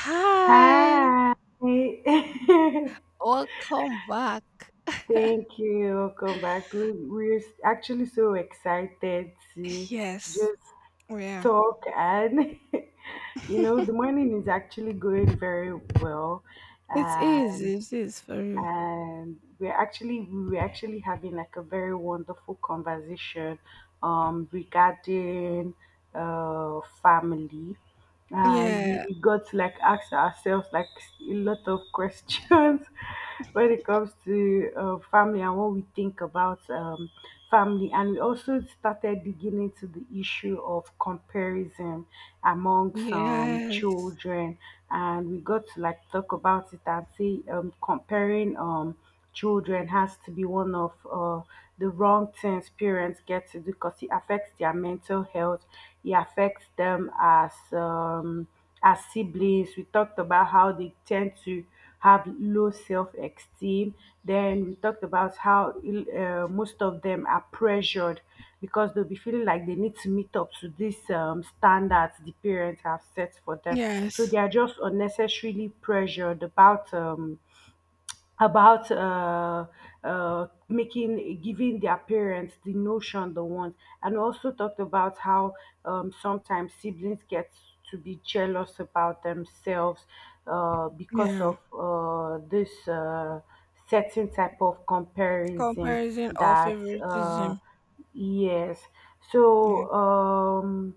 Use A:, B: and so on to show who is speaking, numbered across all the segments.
A: Hi.
B: Hi. Thank
A: Welcome back.
B: you. Welcome back. We're actually so excited to
A: Yes,
B: just
A: we are.
B: talk and
A: It
B: the morning is actually going very well,
A: is. It is for you.
B: and we were actually having like a very wonderful conversation regarding family, and
A: Yeah.
B: we got to like ask ourselves like a lot of questions when it comes to family and what we think about family. And we also started digging into the issue of comparison among some
A: Yes.
B: children, and we got to like talk about it and say, comparing children has to be one of the wrong things parents get to do, because it affects their mental health. It affects them as siblings. We talked about how they tend to have low self-esteem. Then we talked about how most of them are pressured, because they'll be feeling like they need to meet up to these standards the parents have set for them. So they
A: Yes.
B: are just unnecessarily pressured about about making giving their parents the notion they want. And also talked about how sometimes siblings get to be jealous about themselves, because of
A: Yeah.
B: this certain type of comparison
A: Comparison or
B: that
A: favoritism.
B: yes.
A: Yeah.
B: So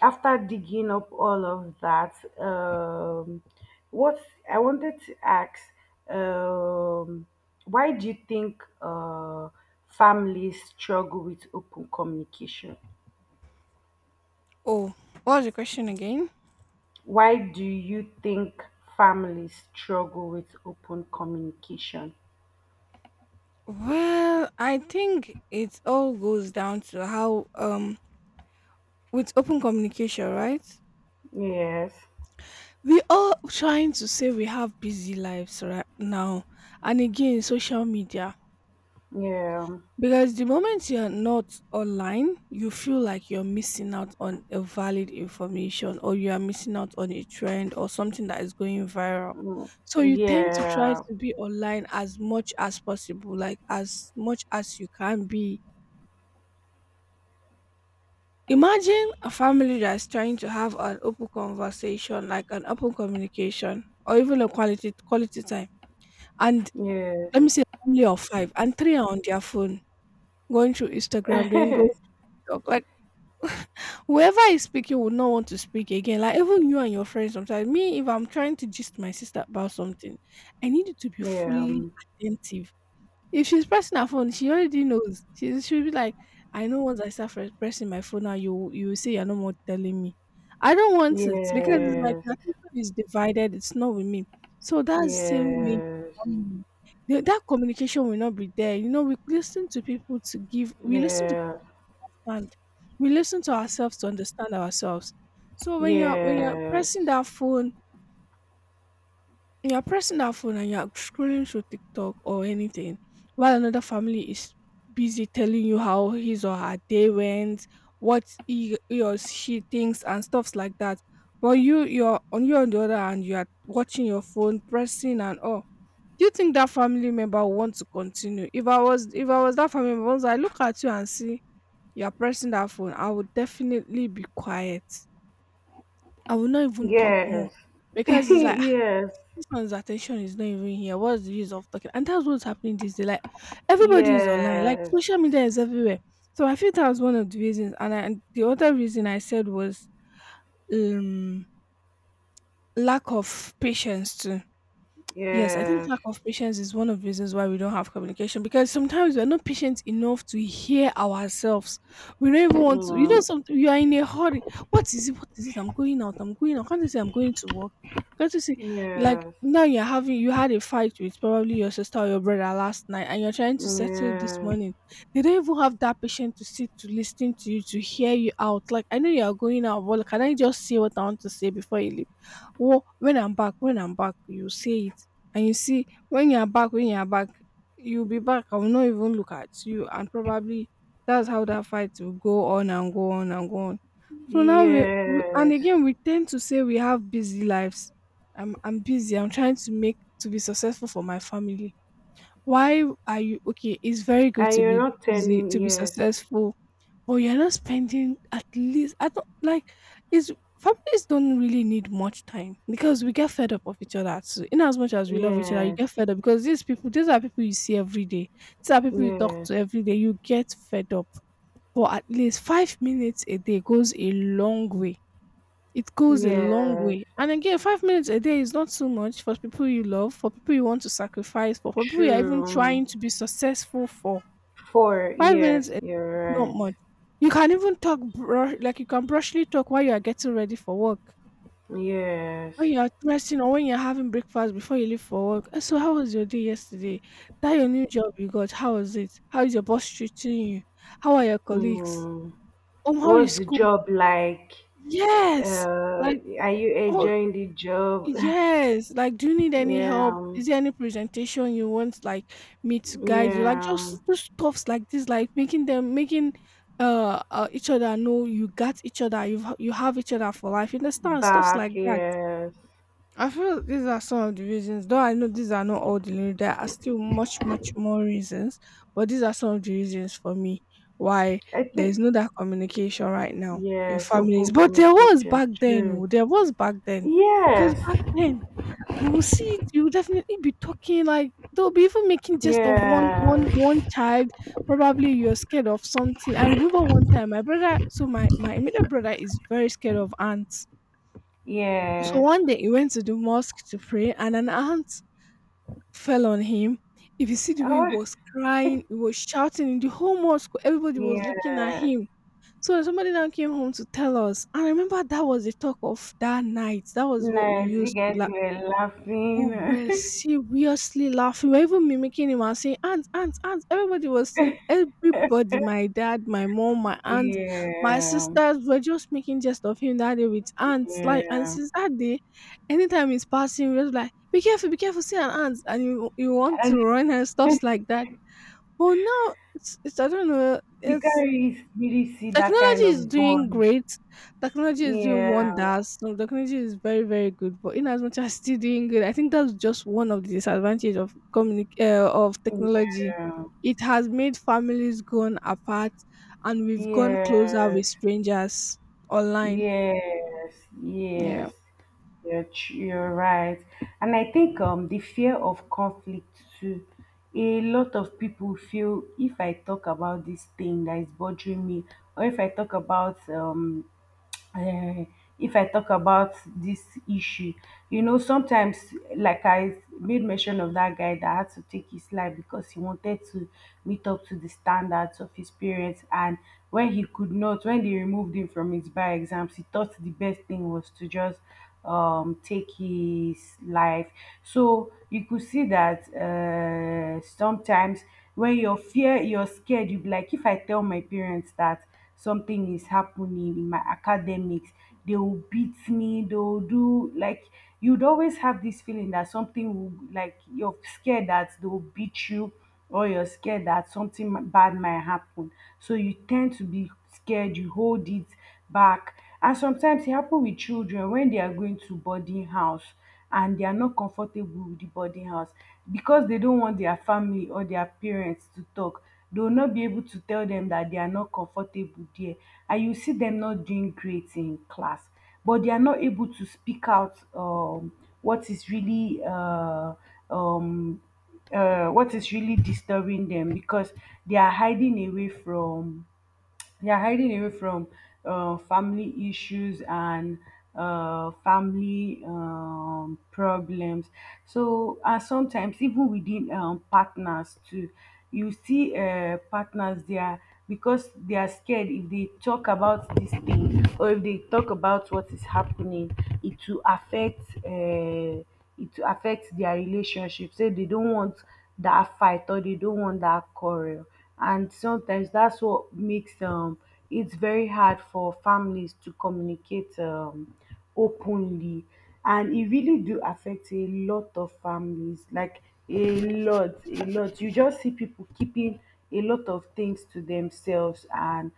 B: after digging up all of that, what I wanted to ask, um, why do you think families struggle with open communication?
A: Oh, what was the question again?
B: Why do you think families struggle with open communication?
A: Well, I think it all goes down to how with open communication, right?
B: Yes.
A: We all trying to say we have busy lives right now, and again, social media.
B: Yeah.
A: Because the moment you're not online, you feel like you're missing out on a valid information or you are missing out on a trend or something that is going viral.
B: Mm.
A: So you tend to try
B: Yeah.
A: to be online as much as possible, like as much as you can be. Imagine a family that's trying to have an open conversation, like an open communication or even a quality time. And
B: Yes.
A: let me say a family of five and three are on their phone going through Instagram, doing going TikTok. Like whoever is speaking would not want to speak again. Like even you and your friends sometimes. Me, if I'm trying to gist my sister about something, I need you to be
B: Yeah.
A: fully attentive. If she's pressing her phone, she already knows. She'll be like, I know once I start first pressing my phone now, you will say you're no more telling me. I don't want it because it's like
B: Yes.
A: my attention is divided, it's not with me. So that's the same way
B: Yes.
A: um, that communication will not be there. You know, we listen to people to give we listen to
B: Yes.
A: understand. We listen to ourselves to understand ourselves. So when you're
B: Yes.
A: pressing that phone, you're pressing that phone and you're scrolling through TikTok or anything, while another family is busy telling you how his or her day went, what he or she thinks and stuffs like that. But you on the other hand, you are watching your phone, pressing and all. Do you think that family member will want to continue? If I was that family member, I look at you and see you are pressing that phone, I would definitely be quiet. I will not even talk more
B: Yes.
A: because it's like, "Ah,
B: Yes.
A: this one's attention is not even here. What's the use of talking?" And that's what's happening this day. Like everybody is online. Like
B: Yes.
A: social media is everywhere. So I feel that was one of the reasons. And the other reason I said was um lack of patience too. Yes, I think
B: Yes.
A: lack of patience is one of the reasons why we don't have communication because sometimes we're not patient enough to hear ourselves. We don't even want to,
B: Mm.
A: something you are in a hurry. What is it? What is it? I'm going out. I'm going out. Can't you say I'm going to work? Can't you say, like,
B: Yes.
A: now you had a fight with probably your sister or your brother last night and you're trying to settle it this
B: Yes.
A: morning. They don't even have that patience to sit, to listen to you, to hear you out. Like, I know you're going out, but can I just say what I want to say before you leave? Wha when I'm back, you say it. And you see, when you're back, you'll be back. I will not even look at you. And probably that's how that fight will go on and go on and go on. So now we and
B: Yes.
A: again we tend to say we have busy lives. I'm busy. I'm trying to be successful for my family. Why are you okay? It's very good
B: And
A: to
B: you're
A: be
B: not
A: busy,
B: telling
A: to be
B: yes.
A: successful, but you're not spending at least, I don't like, it's, families don't really need much time because we get fed up of each other too. In as much as we love each other, you
B: Yes.
A: get fed up because these are people you see every day. These are people you talk
B: Yes.
A: to every day. You get fed up. But at least 5 minutes a day goes a long way. It goes a long
B: Yes.
A: way. And again, 5 minutes a day is not so much for people you love, for people you want to sacrifice for people you are even
B: True.
A: trying to be successful for.
B: Four.
A: 5 minutes
B: Yes.
A: is
B: You're
A: not
B: right.
A: much. You can even talk bru like, you can brushly talk while you are getting ready for work,
B: Yes.
A: when you are dressing or when you're having breakfast before you leave for work. "Eh, so how was your day yesterday? That your new job you got, how was it? How is your boss treating you? How are your colleagues?
B: Mm.
A: How is
B: What's the
A: school?"
B: job like?
A: Yes! Like,
B: Are you
A: oh.
B: enjoying the job?
A: Yes, like, do you need any help?
B: Yeah.
A: Is there any presentation you want like me to guide you? Like just
B: Yeah,
A: just stuffs like this, like making each other know you got each other, you have each other for life. You understand stuffs
B: back,
A: like that.
B: yes.
A: I feel these are some of the reasons, though I know these are not all the reasons, there are still much, much more reasons, but these are some of the reasons for me why
B: I
A: there
B: think,
A: is no that communication right now in
B: yes,
A: families.
B: open
A: But there was
B: communication,
A: back then.
B: true.
A: Oh, there was back then, because
B: Yes,
A: back then we will see it. You will definitely be talking like they'll be even making jest of one one
B: yes,
A: one child. Probably you're scared of something. I remember one time my brother. So my immediate brother is very scared of ants. So
B: yes.
A: one day he went to the mosque to pray, and an ant fell on him. If you see the way he
B: Oh,
A: was crying, he was shouting in the whole mosque. Everybody was looking at
B: yes.
A: him. So somebody now came home to tell us. And I remember that was the talk of that night. That was what we
B: Nice, you
A: used
B: guys
A: to
B: were laughing.
A: we were seriously laughing. We were even mimicking him and saying, Aunt, Aunt, Aunt. Everybody was saying, everybody, my dad, my mom, my aunt, my
B: Yeah,
A: sisters were just making jest of him that day with aunts. Like, and
B: yeah.
A: since that day, anytime he's passing, we're just like, be careful, see an aunt. And you want
B: And
A: to run and stuff like that. But now, it's I don't know,
B: you can
A: it's.
B: really really see that kind
A: Technology is
B: of
A: doing
B: bond.
A: great. Technology is doing
B: Yeah,
A: wonders. No, technology is very, very good. But in as much as still doing good, I think that's just one of the disadvantages of of technology.
B: yeah,
A: It has made families gone apart, and we've gone closer
B: yeah.
A: with strangers online.
B: Yes, yes,
A: Yeah.
B: you're right. And I think the fear of conflict too. A lot of people feel, if I talk about this thing that is bothering me, or uh, if I talk about this issue. Sometimes, like I made mention of that guy that had to take his life because he wanted to meet up to the standards of his parents. And when he could not, when they removed him from his bar exams, he thought the best thing was to just take his life. So you could see that sometimes, when you're scared, you'd be like, if I tell my parents that something is happening in my academics, they will beat me, they'll do like. You'd always have this feeling that something will, like, you're scared that they'll beat you, or you're scared that something bad might happen. So you tend to be scared, you hold it back. And sometimes it happen with children when they are going to boarding house, and they are not comfortable with the boarding house because they don't want their family or their parents to talk. They will not be able to tell them that they are not comfortable there, and you see them not doing great in class, but they are not able to speak out what is really uh, um, what is really disturbing them, because they are hiding away from they are hiding away from family issues and family problems. So, and sometimes even within partners too, you see partners, they are because they are scared, if they talk about this thing or if they talk about what is happening, it will affect uh, it will affect their relationship. So they don't want that fight, or they don't want that quarrel. And sometimes that's what makes it's very hard for families to communicate openly. And it really do affect a lot of families, like a lot a lot. You just see people keeping a lot of things to themselves, and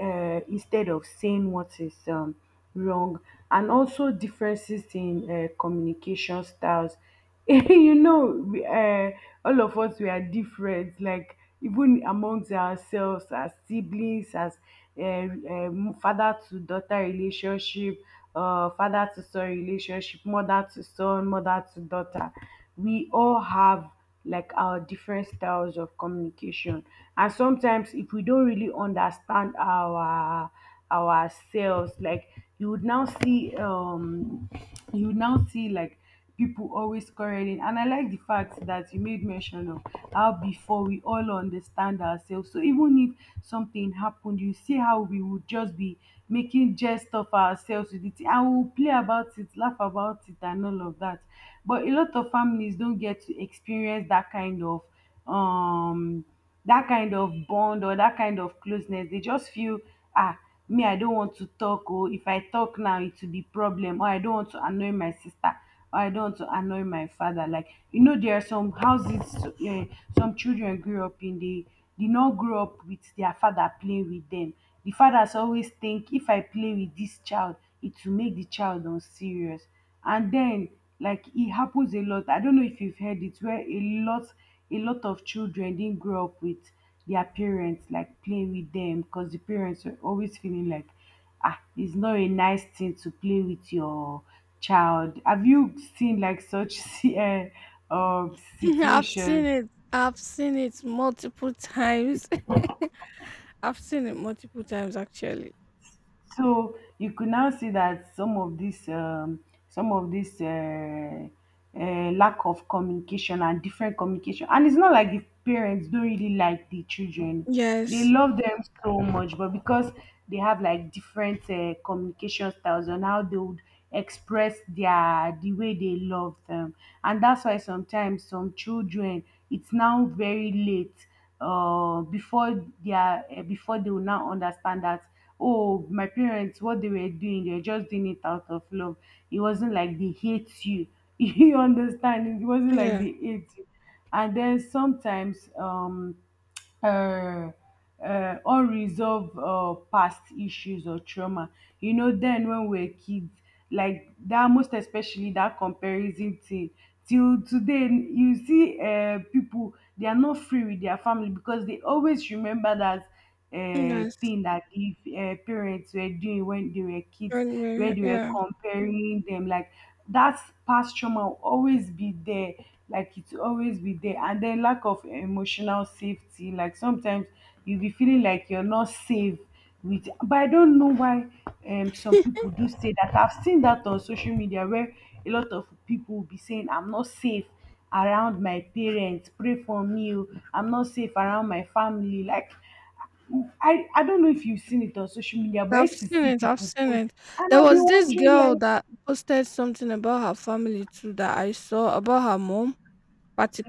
B: instead of saying what is wrong. And also differences in communication styles. you know, we, uh, all of us we are different. Like even amongst ourselves, as siblings, as father to daughter relationship, father to son relationship, mother to son, mother to daughter, we all have like our different styles of communication. And sometimes if we don't really understand ourselves, like you would now see um you would now see like people always quarreling. And I like the fact that you made mention of how before we all understand ourselves, so even if something happened, you see how we would just be making jest of ourselves with it, and we'll play about it, laugh about it, and all of that. But a lot of families don't get to experience um that kind of bond, or that kind of closeness. They just feel, ah, me, I don't want to talk, or if I talk now it will be problem, or I don't want to annoy my sister. I don't want to annoy my father. Like there are some houses, some children grew up in, they not grow up with their father playing with them. The fathers always think, if I play with this child, it will make the child unserious. And then, like, it happens a lot. I don't know if you've heard it, where a lot of children didn't grow up with their parents like playing with them, because the parents were always feeling like, ah, it's not a nice thing to play with your child. Have you seen like such
A: I've seen
B: situation?
A: it. I've seen it multiple times. I've seen it multiple times actually.
B: So you could now see that some of this, some of this uh, lack of communication and different communication. And it's not like the parents don't really like the children; they
A: Yes.
B: love them so much, but because they have like different communication styles on how they would express the way they love them. And that's why sometimes some children, it's now very late, before they will now understand that, oh, my parents, what they were doing, they were just doing it out of love. It wasn't like they hate you. You understand, it wasn't like
A: Yeah.
B: they hate you. And then sometimes uh, unresolved past issues or trauma. Then when we were kids, like, that most especially that comparison thing, till today you see people, they are not free with their family because they always remember that
A: Yes.
B: thing that the parents were doing when they were kids,
A: Very,
B: where
A: very-
B: they were
A: Yeah.
B: comparing them. Like, that past trauma will always be there, like it will always be there. And then lack of emotional safety. Like sometimes you'll be feeling like you're not safe with but I don't know why. Some people do say that, I've seen that on social media where a lot of people will be saying, I'm not safe around my parents, pray for me, I'm not safe around my family. Like I don't know if you've seen it on social media, but I
A: I've
B: used to
A: seen
B: see
A: it. I've
B: people
A: seen
B: post,
A: it.
B: and
A: There
B: I'll be
A: was this
B: wondering,
A: girl
B: like,
A: that posted something about her family too that I saw about her mom,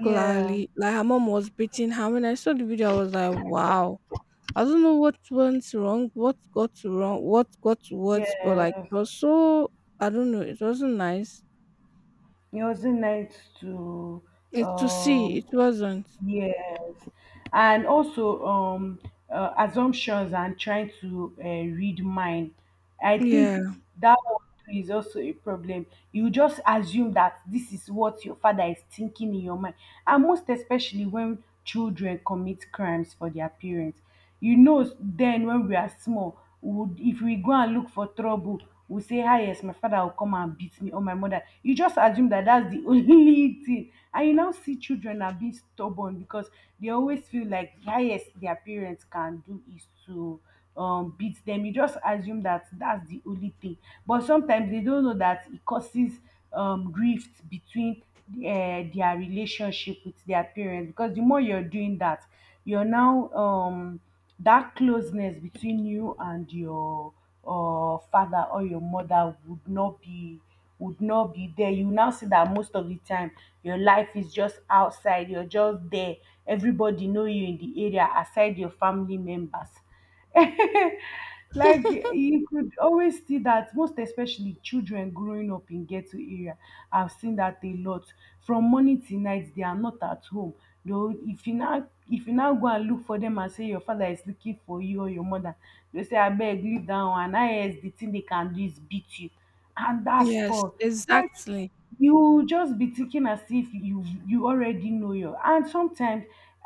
B: yeah,
A: Like her mom was beating her. When I saw the video, I was like, wow. I don't know what went wrong, what got what? But
B: yeah,
A: like it was so, I don't know, it wasn't nice.
B: it wasn't nice to,
A: It to see,
B: um,
A: it wasn't.
B: yes. And also assumptions and trying to read mind. I think
A: Yeah.
B: that one too is also a problem. You just assume that this is what your father is thinking in your mind, and most especially when children commit crimes for their parents. Then when we are small, we would if we go and look for trouble, we say, ah yes, my father will come and beat me, or my mother. You just assume that that's the only thing. And you now see children are being stubborn because they always feel like the highest their parents can do is to beat them. You just assume that that's the only thing, but sometimes they don't know that it causes rift between their relationship with their parents. Because the more you're doing that, you're now that closeness between you and your father or your mother would not be there. You now see that most of the time your life is just outside, you're just there, everybody know you in the area aside your family members. Like you could always see that, most especially children growing up in ghetto area. I've seen that a lot. From morning till night they are not at home, though if you now go and look for them and say your father is looking for you or your mother, they say abeg leave that one. And now yes, the thing they can do is beat you, and that's
A: Yes,
B: all. Like,
A: exactly.
B: you will just be thinking as if you already know your, and sometimes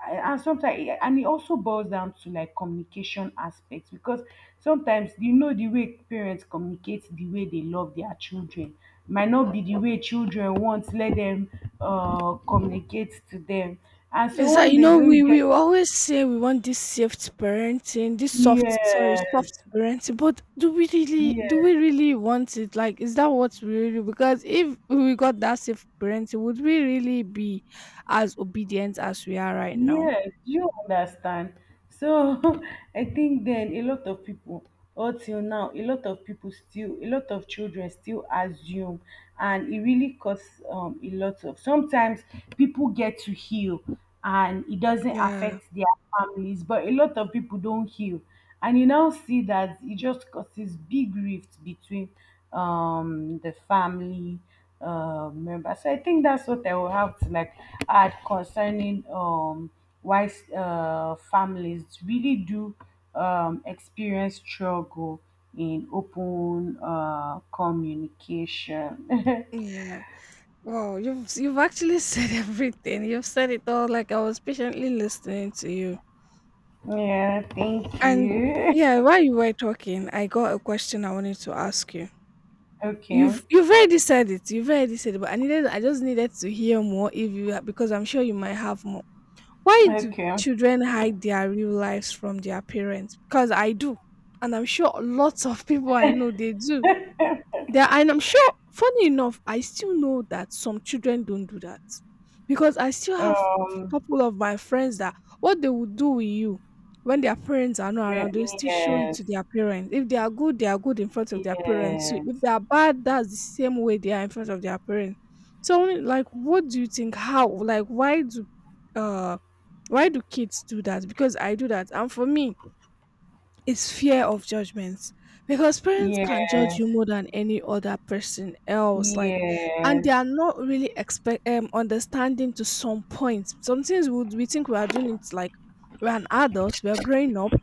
B: and it also boils down to like communication aspects. Because sometimes you know, the way parents communicate, the way they love their children might not be the way children want let them communicate to them. And so
A: Is that,
B: when
A: you
B: they
A: know, we
B: don't get,
A: we always say we want this soft parenting, this soft, sorry, soft
B: yes,
A: parenting, but do we really do
B: yes,
A: we really want it? Like, is that what we really? Because if we got that soft parenting, would we really be as obedient as we are right now?
B: yes, you understand. So I think then a lot of people, or till now, a lot of people still, a lot of children still assume, and it really causes a lot of. Sometimes people get to heal, and it doesn't
A: Yeah,
B: affect their families, but a lot of people don't heal, and you now see that it just causes big rift between the family members. So I think that's what I will have to like add concerning why families really do experience struggle in open communication.
A: yeah. Wow, you've actually said everything. You've said it all. Like I was patiently listening to you,
B: Yeah, thank
A: and
B: you.
A: yeah, while you were talking, I got a question I wanted to ask you.
B: Okay,
A: You've already said it. You've already said it, but I just needed to hear more if because I'm sure you might have more. Why do
B: okay.
A: children hide their real lives from their parents? Because I do. And I'm sure lots of people I know they do. There, and I'm sure funny enough, I still know that some children don't do that. Because I still have a
B: Well,
A: couple of my friends that what they would do with you when their parents are not around, they still show it
B: yes,
A: to their parents. If they are good, they are good in front of their parents too. If
B: yes.
A: they are bad, that's the same way they are in front of their parents. So I'm like, what do you think? How? Like uh why do kids do that? Because I do that. And for me, it's fear of judgments because parents can judge
B: Yes,
A: you more than any other person else, like, and they
B: yes,
A: are not really expect understanding to some point, some things would we think we are doing. It's like we're an adult, we're growing up,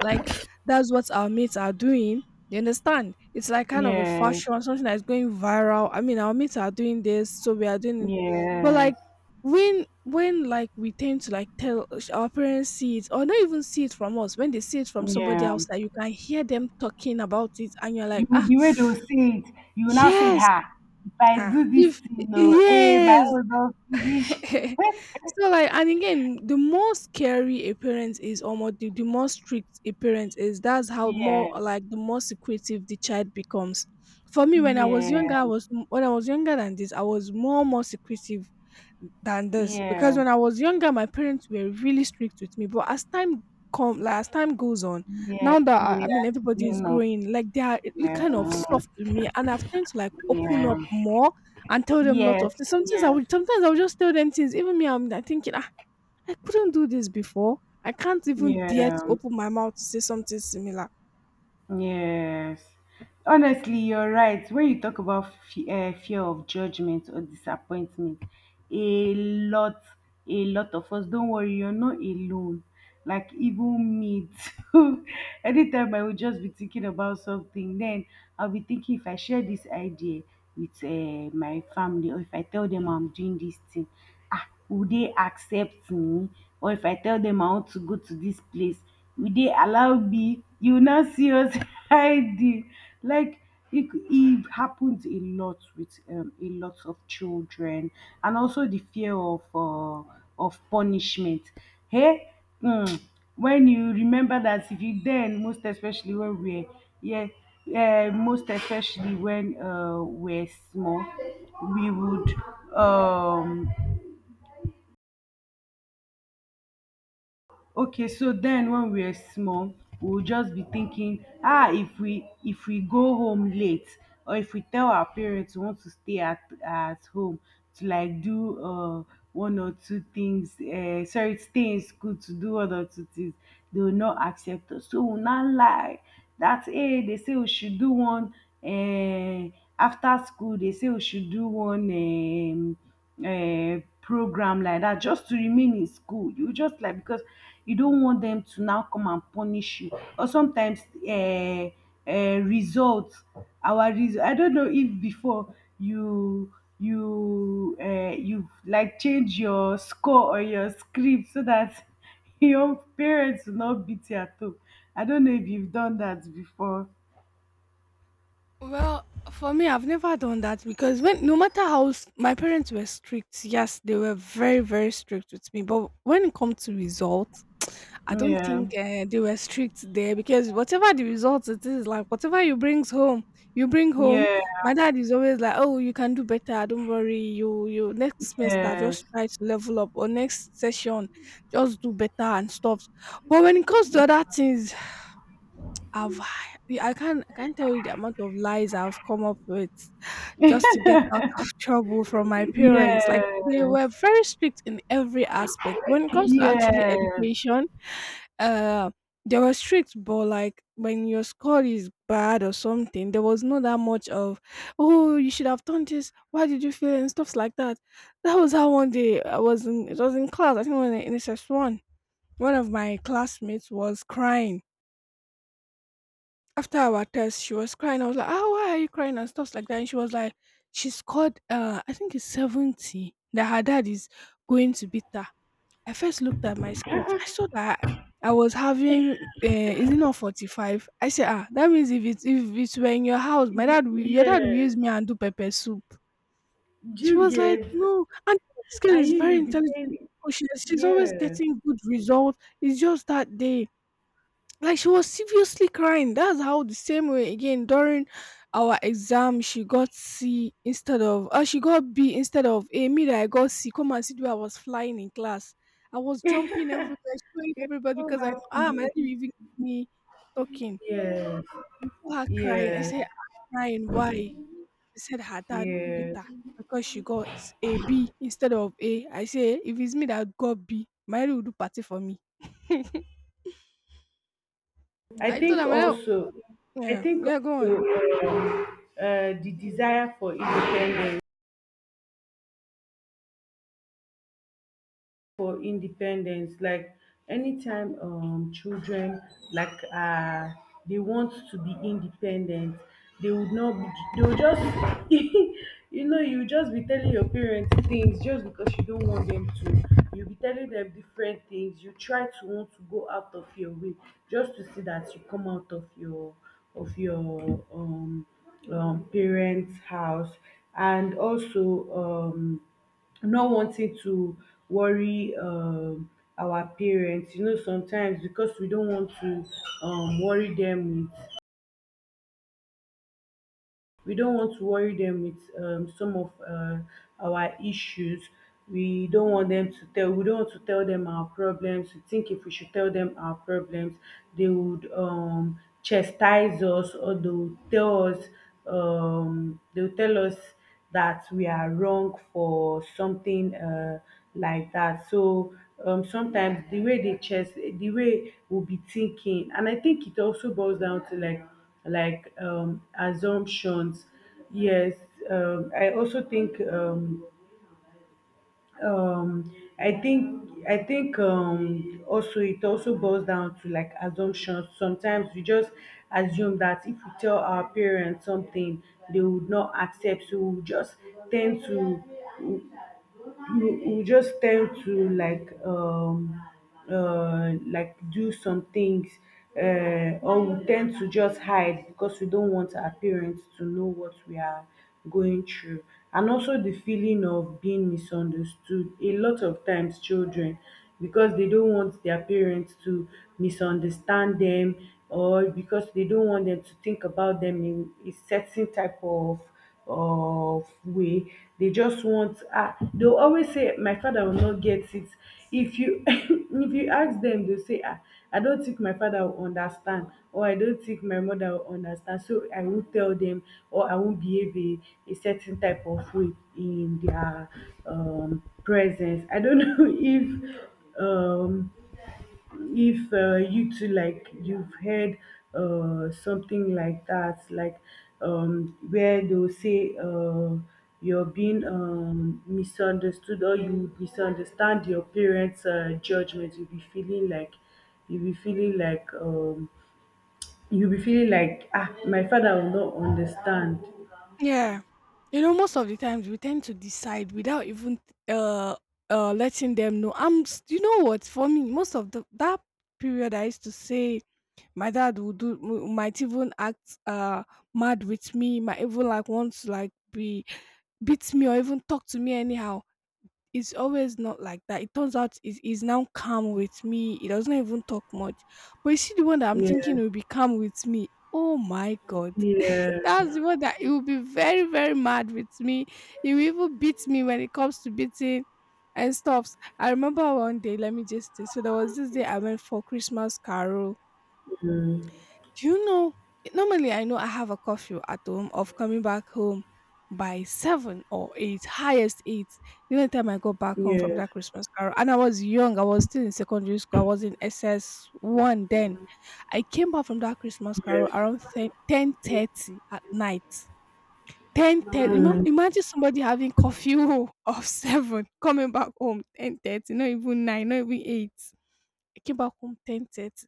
A: like, that's what our mates are doing. You understand? It's like kind of a
B: yes,
A: fashion, something that's going viral. I mean, our mates are doing this, so we are doing it. But
B: yes,
A: like, when like we tend to like tell our parents, see it or not even see it from us, when they see it from somebody
B: yeah.
A: else that you can hear them talking about it and you're
B: You
A: like,
B: would,
A: ah,
B: the way they will see it, you will now say,
A: yes.
B: "Ha, if I
A: Ah,
B: do this
A: if
B: thing, no, hey, my
A: yes.
B: own don't finish."
A: So like, and again, the more scary a parent is, or more the more strict a parent is, that's how more
B: Yeah,
A: like the more secretive the child becomes. For me, when I
B: yeah,
A: was younger, when I was younger than this, I was more secretive than this because
B: yeah,
A: when I was younger, my parents were really strict with me, but as time come, like as time goes on,
B: yeah,
A: now that I
B: yeah,
A: mean, everybody
B: you
A: is
B: know,
A: growing, like they are really
B: yeah,
A: kind of soft with me, and I've tend to like open
B: yeah,
A: up more and tell them lots of
B: yes,
A: things.
B: yes,
A: Sometimes I would just tell them things. Even me, I'm like thinking, ah, I couldn't do this before. I can't even dare
B: yeah.
A: to open my mouth to say something similar.
B: Yes. Honestly, you're right. When you talk about fear of judgment or disappointment, a lot, a lot of us, don't worry, you're not alone. Like, even me, too. Anytime I will just be thinking about something, then I'll be thinking, if I share this idea with my family, or if I tell them I'm doing this thing, ah will dey accept me, or if I tell them I want to go to this place, will they allow me? You now see us hiding. Like, it happens a lot with a lot of children. And also the fear of punishment, hey, um when you remember that if you then, most especially when we were, yeah, most especially when we're small, we would um okay, so then when we are small, we'll just be thinking, ah, if we go home late, or if we tell our parents we want to stay at home to like do one or two things, sorry, stay in school to do one or two things, they will not accept us. So we'll not lie. That's hey, they say we should do one uh, after school, they say we should do one program like that just to remain in school. You just like, because you don't want them to now come and punish you. Or sometimes uh, results, our result. I don't know if before you you you like change your score or your script so that your parents will not beat you at all. I don't know if you've done that before.
A: Well, for me, I've never done that, because when no matter how my parents were strict, yes, they were very very strict with me. But when it comes to results, I don't
B: Yeah.
A: think they were strict there, because whatever the results it is, like whatever you brings home, you bring home.
B: Yeah.
A: My dad is always like, "Oh, you can do better. Don't worry. You next semester
B: Yes.
A: just try to level up, or next session just do better and stuff." But when it comes to other things, I've I can't tell you the amount of lies I've come up with just to get out of trouble from my parents. Like they were
B: Yes.
A: very strict in every aspect. When it comes to actually
B: Yes.
A: education, uh they were strict, but like when your score is bad or something, there was not that much of, oh, you should have done this. Why did you fail, and stuffs like that. That was how one day I was in, it was in class, I think, when in S S one, one of my classmates was crying after our test. She was crying. I was like, "Ah, why are you crying?" and stuff like that. And she was like, "She scored, uh, I think it's 70. That her dad is going to beat her." I first looked at my script. I saw that I was having. Is it not 45? I said, "Ah, that means if it's were in your house, my
B: If you-
A: dad, will, your dad will
B: Yes.
A: use me and do pepper soup."
B: Do
A: She
B: you
A: was like,
B: get?
A: "No." And this girl
B: And
A: is
B: you,
A: very
B: you'll be
A: intelligent.
B: saying,
A: Oh, she's always
B: yes.
A: getting good results. It's just that day, like she was seriously crying. That's how, the same way again, during our exam she got C instead of, she got B instead of A. Me that I got C. Come and see where I was flying in class. I was jumping everywhere, showing everybody
B: So
A: because I know, ah, my
B: happy.
A: daddy will even give me talking.
B: Yes.
A: I saw her crying. I
B: Yes.
A: said, "Ah, crying. Why?" She said her dad will beat her
B: Yes.
A: because she got a B instead of A. I say if it's me that got B, my daddy will do party for me.
B: I
A: I told
B: think
A: her, my dad,
B: also, I
A: yeah,
B: think
A: yeah, go
B: also
A: on.
B: um, the desire for independence, like anytime children like they want to be independent, they would not be, they will just you know, you just be telling your parents things just because you don't want them to, you'll be telling them different things, you try to want to go out of your way just to see that you come out of your of your um parents house. And also um not wanting to worry our parents. You know, sometimes because we don't want to worry them with, we don't want to worry them with some of our issues. We don't want them to tell, we don't want to tell them our problems. We think if we should tell them our problems, they would chastise us, or they will tell us um they will tell us that we are wrong for something like that. So sometimes the way they chest, the way we'll be thinking, and I think it also boils down to like assumptions. Yes, I also think um I think also it also boils down to like assumptions. Sometimes we just assume that if we tell our parents something, they would not accept, so we just tend to, you just tend to like do some things, or we tend to just hide because we don't want our parents to know what we are going through. And also the feeling of being misunderstood. A lot of times children, because they don't want their parents to misunderstand them, or because they don't want them to think about them in a certain type of way, they just want, ah, they'll always say my father will not get it. If you if you ask them they'll say, ah, I don't think my father will understand, or I don't think my mother will understand, so I won't tell them, or I won't behave a certain type of way in their presence. I don't know um if you too like you've heard something like that, like where they'll say you're being misunderstood, or you misunderstand your parents judgment. You'll be feeling like, you'll be feeling like um, you'll be feeling like, ah, my father will not understand.
A: Yeah. You know, most of the times we tend to decide without even uh letting them know. You know what, for me, most of the that period I used to say my dad would might even act mad with me, might even like want to like be beat me or even talk to me anyhow. It's always not like that. It turns out is now calm with me. He doesn't even talk much. But you see the one that I'm thinking
B: Yeah,
A: will be calm with me. Oh my god.
B: yeah,
A: That's the one that he will be very, very mad with me. He will even beat me when it comes to beating and stuffs. I remember one day, let me just say, so there was this day I went for Christmas carol. Do you know? Normally I know I have a curfew at home of coming back home by seven or eight, highest eight. The only time I got back home from
B: yes,
A: that Christmas carol, and I was young, I was still in secondary school, I was in SS one then. I came back from that Christmas carol
B: yes,
A: around 10:30 at night. 10:30. Remem
B: mm,
A: Imagine somebody having curfew of 7, coming back home 10:30, not even 9, not even 8. I came back home 10:30.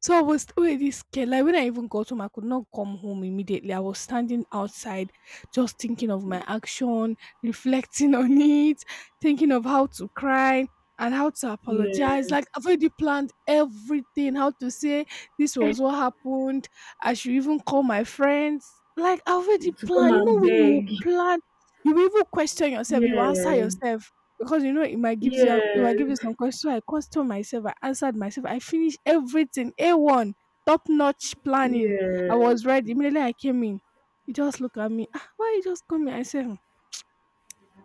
A: So I was already scared. Like when I even got home, I could not come home immediately. I was standing outside, just thinking of my action, reflecting on it, thinking of how to cry and how to apologize.
B: yes,
A: Like I've already planned everything, how to say this was what happened. I should even call my friends. Like I've already
B: to come
A: planned. You
B: and
A: know when you
B: beg,
A: plan, you even question yourself, you answer
B: yes,
A: yourself. Because you know it might gives you it might give you
B: yes.
A: some questions. So I questioned myself, I answered myself, I finished everything. A1, top-notch planning.
B: Yes,
A: I was ready. Immediately I came in. He just looked at me. Ah, why you just come here? I said, "Hmm,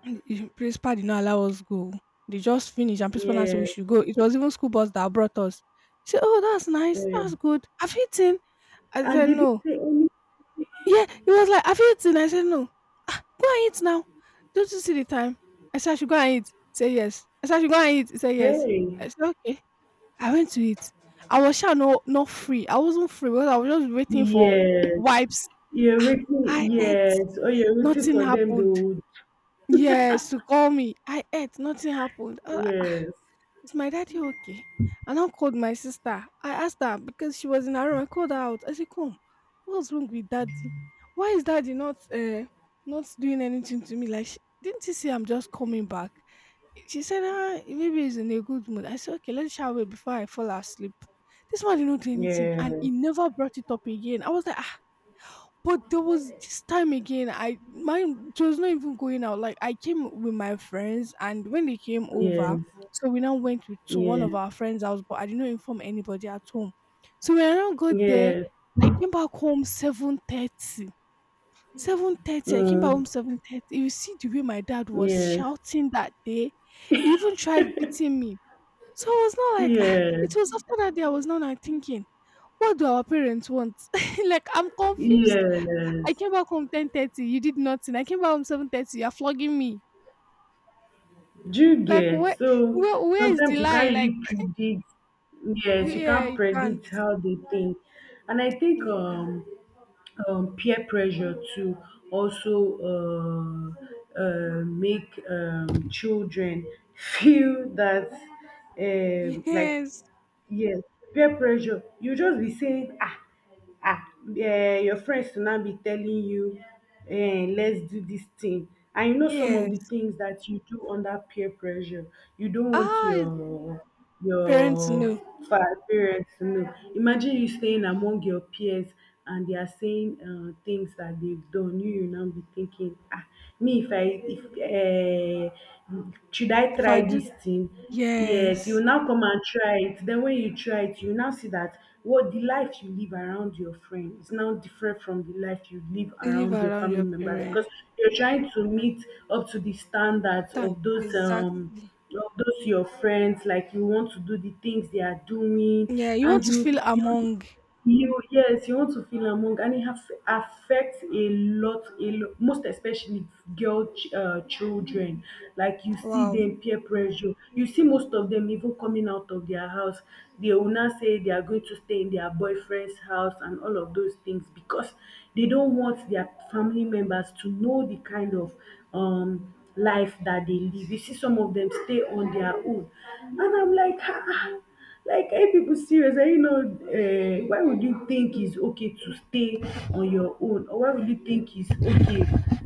A: principal did not allow us go. They just finished and principal now said we
B: yes,
A: should go. It was even school bus that brought us." He said, "Oh, that's nice.
B: yes.
A: That's good. Have you eaten?" I
B: And
A: said,
B: they didn't
A: "No."
B: say any,
A: Yeah, he was like, "Have you eaten?" I said, "No." "Ah, go and eat now. Don't you see the time?" I said, "I should go and eat." He said, "Yes." I said, "I should go and eat." He said, "Yes."
B: hey,
A: I said, "Okay." I went to eat. I was sure, no, not free. I wasn't free because I was just waiting for
B: yes,
A: wipes.
B: you're
A: Ah, I
B: waiting,
A: ate.
B: yes, oh, you're waiting
A: Nothing
B: for them, they
A: happened.
B: would,
A: Yes, to call me. I ate. Nothing happened. I,
B: yes,
A: is my daddy okay? I now called my sister. I asked her because she was in her room. I called her out. I said, "Come, what's wrong with daddy? Why is daddy not not doing anything to me? Like, she, didn't he say I'm just coming back?" She said, ah, maybe he's in a good mood. I said, okay, let's shower before I fall asleep. This man did not do anything
B: yes,
A: and he never brought it up again. I was like, but there was this time again, I mine it was not even going out. Like I came with my friends, and when they came over,
B: yes,
A: so we now went to, one
B: yes,
A: of our friends' house, but I did not inform anybody at home. So when I now got there,
B: yes,
A: I came back home 7:30. 7:30, I came back home
B: mm,
A: 7:30. You see the way my dad was
B: yes,
A: shouting that day, he even tried beating me. So I was not like "Ah,"
B: yes,
A: it was after that day I was not like thinking, what do our parents want? Like I'm confused. I
B: yes.
A: came back home 10:30. You did nothing. I came back home 7:30. You're flogging me.
B: Do you
A: Like
B: get? So
A: where is the
B: sometimes you can't
A: lie? Like
B: really predict,
A: you—
B: yes, you
A: yeah,
B: can't
A: you can't.
B: predict how they think. And I think
A: You can.
B: peer pressure to also make children feel that like,
A: Yes,
B: yes, peer pressure. You just be saying, ah, ah, eh, your friends to now be telling you, eh, let's do this thing. And you know, some of the
A: yes.
B: things that you do under peer pressure, you don't want
A: Ah, parents
B: your
A: know.
B: fa parents to know. Imagine you staying among your peers, and they are saying things that they've done. You now be thinking, ah, me, if I, if should I
A: If I
B: try
A: do,
B: this thing? Yes, you will
A: yes,
B: now come and try it. Then when you try it, you will now see that what the life you live around your friend is now different from the life you live
A: you live
B: around your
A: around
B: family
A: your
B: members.
A: parents.
B: Because you're trying to meet up to the standards
A: Done. Exactly.
B: of those your friends. Like, you want to do the things they are doing,
A: Yeah, you want
B: and
A: to
B: you
A: feel
B: you
A: among.
B: yes, you want to feel among. And it affects a lot, a lot, most especially children. Like, you see
A: Wow.
B: them peer pressure, you see most of them even coming out of their house. They will now say they are going to stay in their boyfriend's house and all of those things, because they don't want their family members to know the kind of life that they live. You see, some of them stay on their own, and I'm like, ah, ah, like, hey, people serious? Eh, you know, why would you think it's okay to stay on your own, or why would you think it's okay,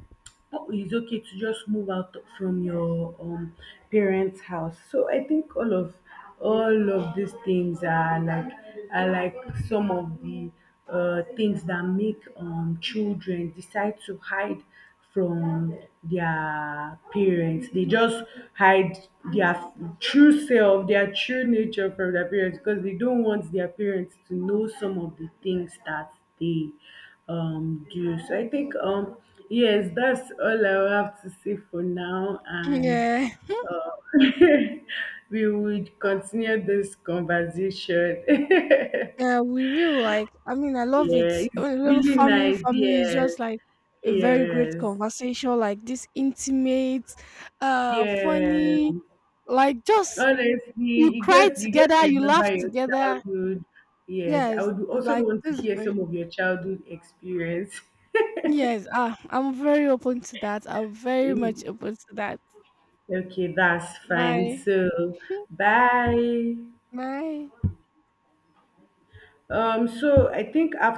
B: oh, it's okay to just move out from your parents' house. So I think all of these things are like are like some of the things that make children decide to hide from their parents. They just hide their true self, their true nature from their parents, because they don't want their parents to know some of the things that they do. So I think yes, that's all I have to say for now, and
A: Yeah.
B: uh, we would continue this conversation. Yeah,
A: Yeah, we will, like, I mean I love it.
B: it's
A: When
B: really
A: family
B: nice.
A: family is
B: Yes,
A: just like a very great
B: yes,
A: conversation, like this intimate,
B: yeah.
A: funny, like just you
B: Honestly, you
A: cry
B: get, you get
A: together,
B: to
A: you laugh
B: remember your
A: together.
B: childhood. Yes, I
A: Yes,
B: would also
A: like
B: want to
A: this
B: hear
A: very
B: some of your childhood experience.
A: yes, ah, I'm very open to that. I'm very much open to that.
B: Okay, that's fine.
A: Bye.
B: So, bye.
A: Bye.
B: So I think after